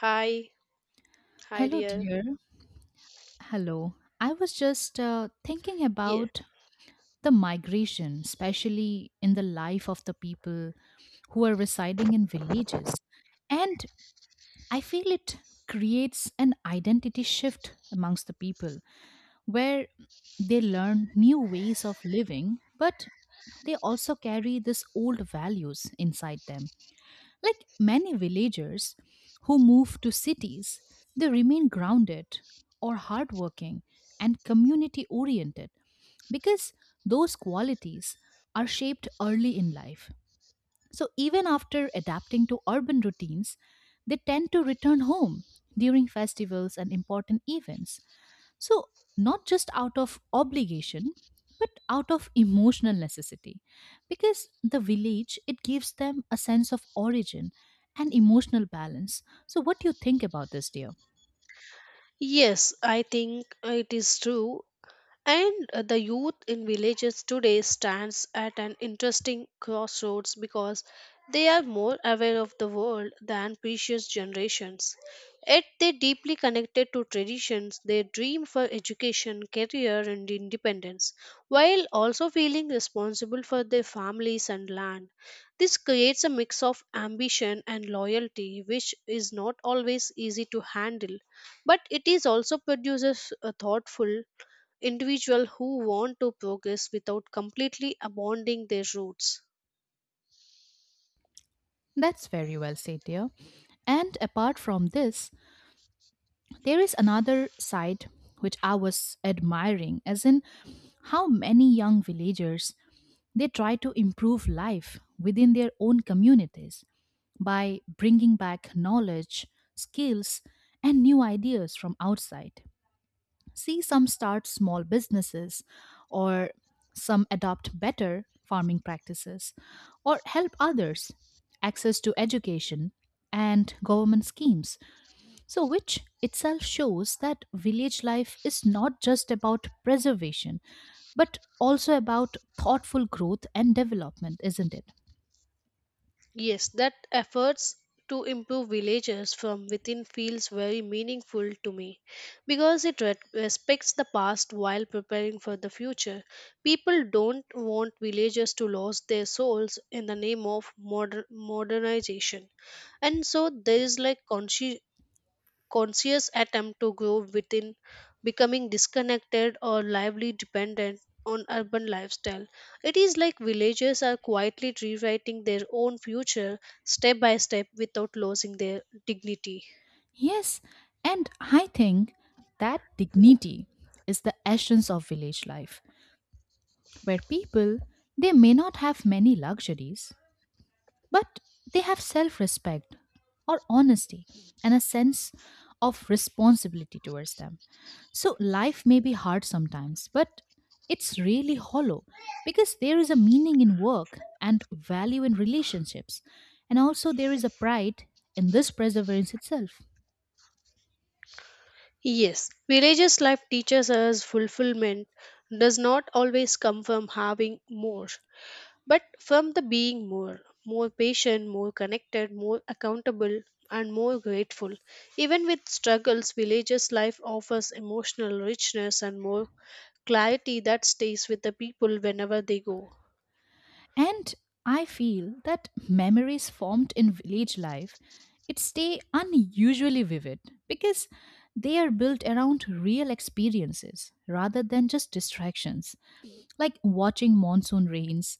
Hi, hi Hello, dear. dear. Hello. I was just thinking Yeah. about the migration, especially in the life of the people who are residing in villages. And I feel it creates an identity shift amongst the people where they learn new ways of living, but they also carry this old values inside them like many villagers who move to cities, they remain grounded or hardworking and community oriented because those qualities are shaped early in life. So, even after adapting to urban routines, they tend to return home during festivals and important events, so, not just out of obligation, but out of emotional necessity. Because the village, it gives them a sense of origin and emotional balance. So, what do you think about this, dear? Yes, I think it is true. And the youth in villages today stands at an interesting crossroads because they are more aware of the world than previous generations. Yet they deeply connected to traditions, they dream for education, career and independence, while also feeling responsible for their families and land. This creates a mix of ambition and loyalty which is not always easy to handle, but it is also produces a thoughtful individual who want to progress without completely abandoning their roots. That's very well said, dear. And apart from this, there is another side which I was admiring, as in how many young villagers, they try to improve life within their own communities by bringing back knowledge, skills, and new ideas from outside. See, some start small businesses, or some adopt better farming practices, or help others access to education and government schemes, so, which itself shows that village life is not just about preservation, but also about thoughtful growth and development, isn't it? Yes, that efforts to improve villages from within feels very meaningful to me because it respects the past while preparing for the future. People don't want villages to lose their souls in the name of modernization, and so there is like conscious attempt to grow within becoming disconnected or lively dependent on urban lifestyle. It is like villagers are quietly rewriting their own future step by step without losing their dignity. Yes, and I think that dignity is the essence of village life, where people they may not have many luxuries, but they have self respect or honesty and a sense of responsibility towards them. So life may be hard sometimes, but it's really hollow because there is a meaning in work and value in relationships, and also there is a pride in this perseverance itself. Yes, villagers life teaches us fulfillment does not always come from having more, but from the being more, more patient, more connected, more accountable, and more grateful. Even with struggles, villagers' life offers emotional richness and more clarity that stays with the people whenever they go. And I feel that memories formed in village life, it stay unusually vivid because they are built around real experiences rather than just distractions like watching monsoon rains,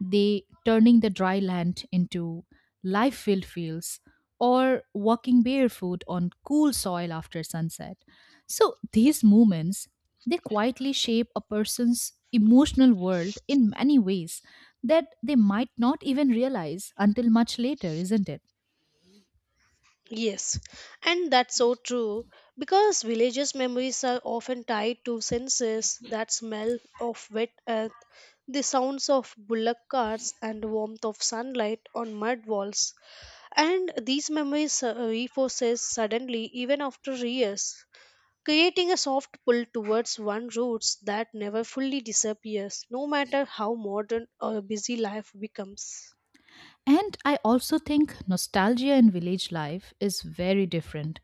they turning the dry land into life filled fields, or walking barefoot on cool soil after sunset. So these moments, they quietly shape a person's emotional world in many ways that they might not even realize until much later, isn't it? Yes, and that's so true because villagers' memories are often tied to senses that smell of wet earth, the sounds of bullock carts, and the warmth of sunlight on mud walls. And these memories resurface suddenly even after years, creating a soft pull towards one roots that never fully disappears no matter how modern or busy life becomes. And I also think nostalgia in village life is very different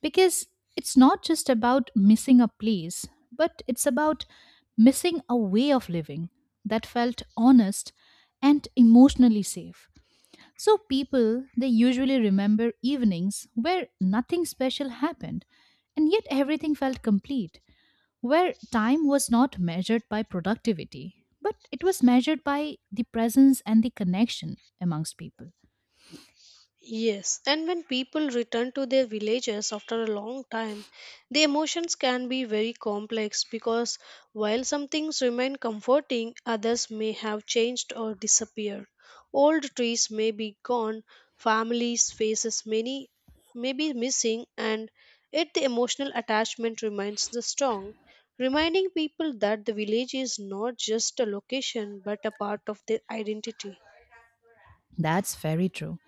because it's not just about missing a place, but it's about missing a way of living that felt honest and emotionally safe. So people, they usually remember evenings where nothing special happened and yet everything felt complete, where time was not measured by productivity, but it was measured by the presence and the connection amongst people. Yes, and when people return to their villages after a long time, the emotions can be very complex because while some things remain comforting, others may have changed or disappeared. Old trees may be gone, families' faces many may be missing, and yet the emotional attachment remains the strong, reminding people that the village is not just a location but a part of their identity. That's very true.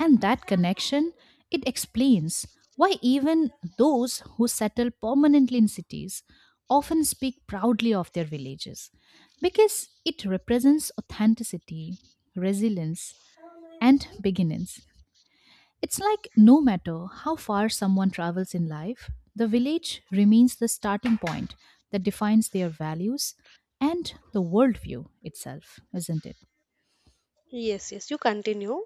And that connection, it explains why even those who settle permanently in cities often speak proudly of their villages because it represents authenticity, resilience, and beginnings. It's like no matter how far someone travels in life, the village remains the starting point that defines their values and the worldview itself, isn't it? Yes, yes, you continue.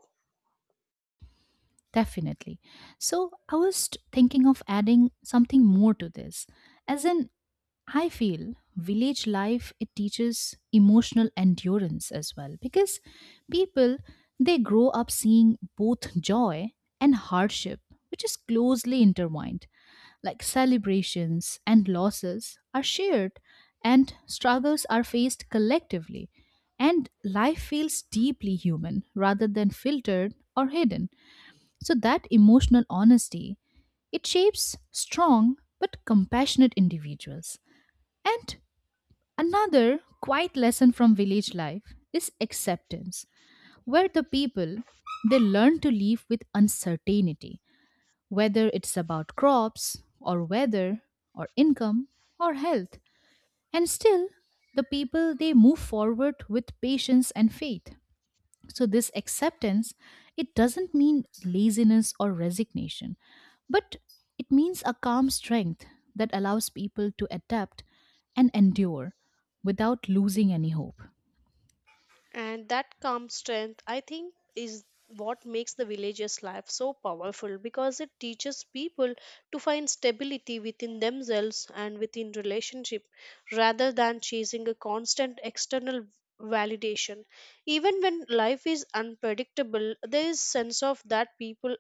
Definitely. So I was thinking of adding something more to this. As in, I feel village life, it teaches emotional endurance as well because people, they grow up seeing both joy and hardship which is closely intertwined like celebrations and losses are shared and struggles are faced collectively and life feels deeply human rather than filtered or hidden, so that emotional honesty, it shapes strong but compassionate individuals. And another quiet lesson from village life is acceptance, where the people, they learn to live with uncertainty, whether it's about crops or weather or income or health. And still the people, they move forward with patience and faith. So this acceptance, it doesn't mean laziness or resignation, but it means a calm strength that allows people to adapt and endure without losing any hope. And that calm strength, I think, is what makes the villagers life so powerful because it teaches people to find stability within themselves and within relationship rather than chasing a constant external validation. Even when life is unpredictable, there is sense of that people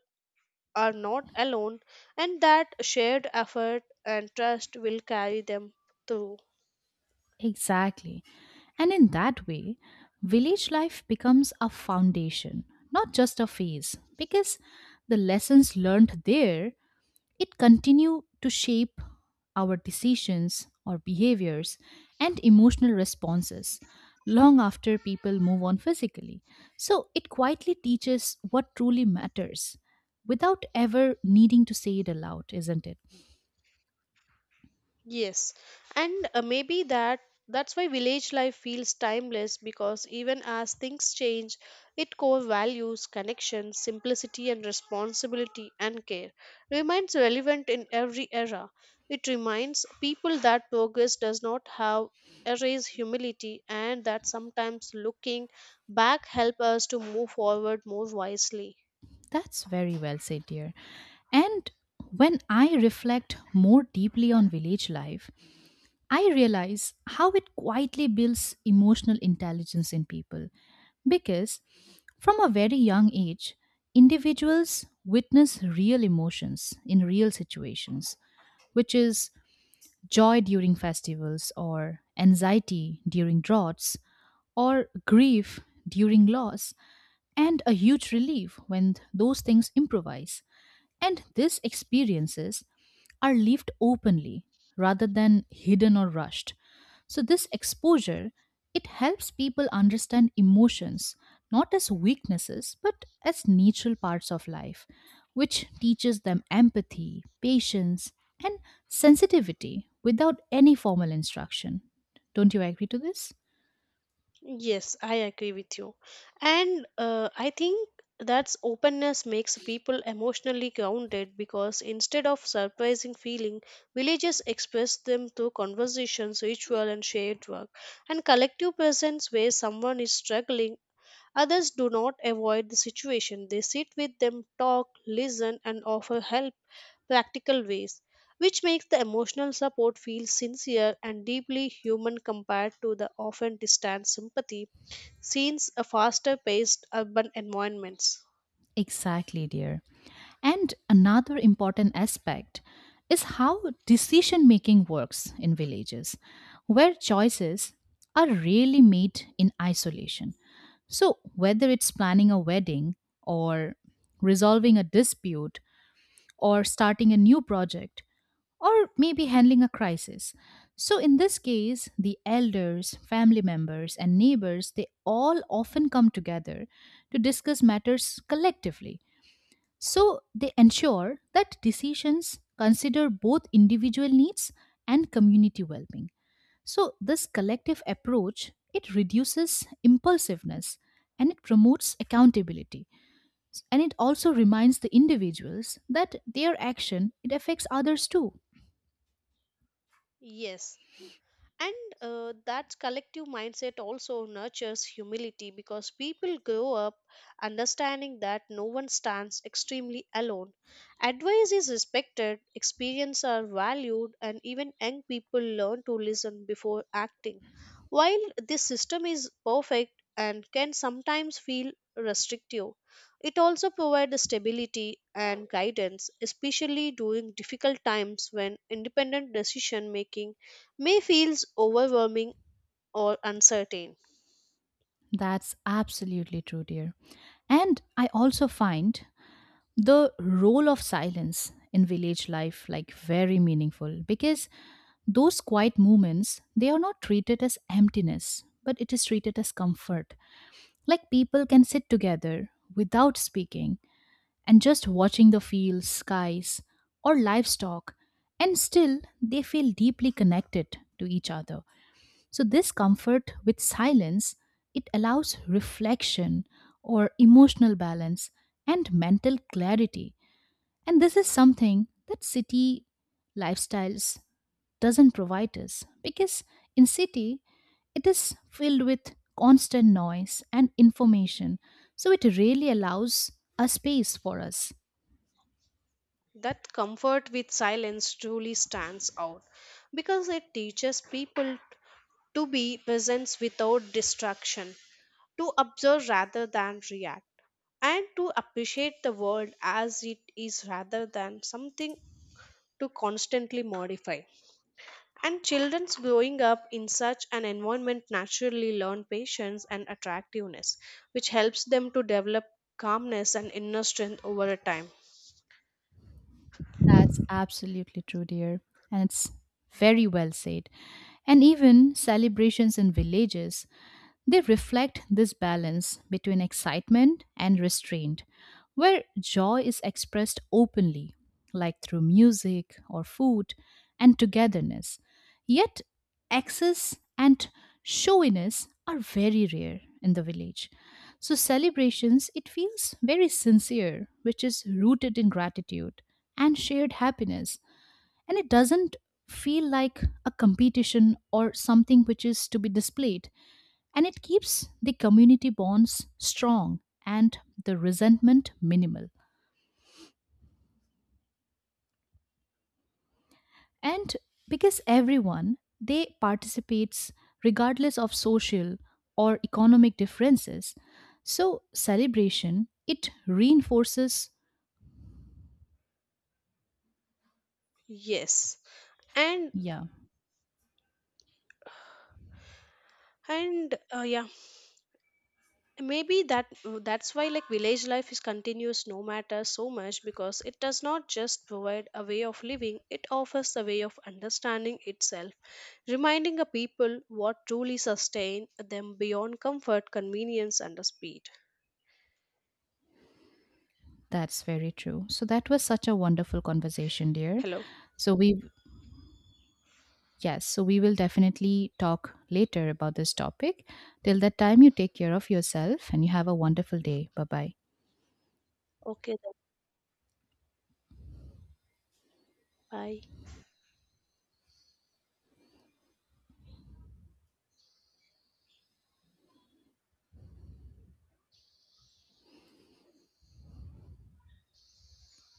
are not alone and that shared effort and trust will carry them through. Exactly. And in that way, village life becomes a foundation, not just a phase, because the lessons learned there, it continue to shape our decisions or behaviors and emotional responses long after people move on physically. So it quietly teaches what truly matters without ever needing to say it aloud, isn't it? Yes, and maybe that's why village life feels timeless because even as things change, its core values, connection, simplicity, and responsibility and care remains relevant in every era. It reminds people that progress does not have erase humility and that sometimes looking back help us to move forward more wisely. That's very well said, dear. And when I reflect more deeply on village life, I realize how it quietly builds emotional intelligence in people because from a very young age, individuals witness real emotions in real situations, which is joy during festivals, or anxiety during droughts, or grief during loss, and a huge relief when those things improvise. And these experiences are lived openly rather than hidden or rushed. So this exposure, it helps people understand emotions not as weaknesses but as natural parts of life, which teaches them empathy, patience, and sensitivity without any formal instruction. Don't you agree to this? Yes, I agree with you. And I think that's openness makes people emotionally grounded because instead of surprising feeling, villages express them through conversations, ritual, and shared work. And collective presence where someone is struggling, others do not avoid the situation, they sit with them, talk, listen, and offer help practical ways, which makes the emotional support feel sincere and deeply human compared to the often distant sympathy scenes a faster paced urban environments. Exactly, dear. And another important aspect is how decision making works in villages, where choices are rarely made in isolation. So, whether it's planning a wedding, or resolving a dispute, or starting a new project, or maybe handling a crisis. So, in this case, the elders, family members, and neighbors, they all often come together to discuss matters collectively, so they ensure that decisions consider both individual needs and community well-being. So this collective approach, it reduces impulsiveness and it promotes accountability and it also reminds the individuals that their action, it affects others too. Yes, and that collective mindset also nurtures humility because people grow up understanding that no one stands extremely alone. Advice is respected, experience are valued, and even young people learn to listen before acting. While this system is perfect and can sometimes feel restrictive, it also provides stability and guidance, especially during difficult times when independent decision making may feels overwhelming or uncertain. That's absolutely true, dear. And I also find the role of silence in village life like very meaningful because those quiet moments, they are not treated as emptiness, but it is treated as comfort. Like people can sit together without speaking and just watching the fields, skies, or livestock, and still they feel deeply connected to each other. So, this comfort with silence, it allows reflection or emotional balance and mental clarity. And this is something that city lifestyles doesn't provide us because in city it is filled with constant noise and information, so it really allows a space for us. That comfort with silence truly stands out because it teaches people to be present without distraction, to observe rather than react, and to appreciate the world as it is rather than something to constantly modify. And children's growing up in such an environment naturally learn patience and attractiveness, which helps them to develop calmness and inner strength over a time. That's absolutely true, dear, and it's very well said. And even celebrations in villages, they reflect this balance between excitement and restraint, where joy is expressed openly, like through music or food and togetherness. Yet, excess and showiness are very rare in the village. So, celebrations, it feels very sincere, which is rooted in gratitude and shared happiness. And it doesn't feel like a competition or something which is to be displayed, and it keeps the community bonds strong and the resentment minimal, and because everyone, they participates regardless of social or economic differences, so celebration, it reinforces. Yes. And Yeah, and maybe that's why like village life is continuous no matter so much because it does not just provide a way of living, it offers a way of understanding itself, reminding a people what truly sustain them beyond comfort, convenience and the speed. that's very true. So that was such a wonderful conversation, dear. Hello. So we, yes, so we will definitely talk later about this topic. Till that time, you take care of yourself and you have a wonderful day. Bye bye. Okay then, bye.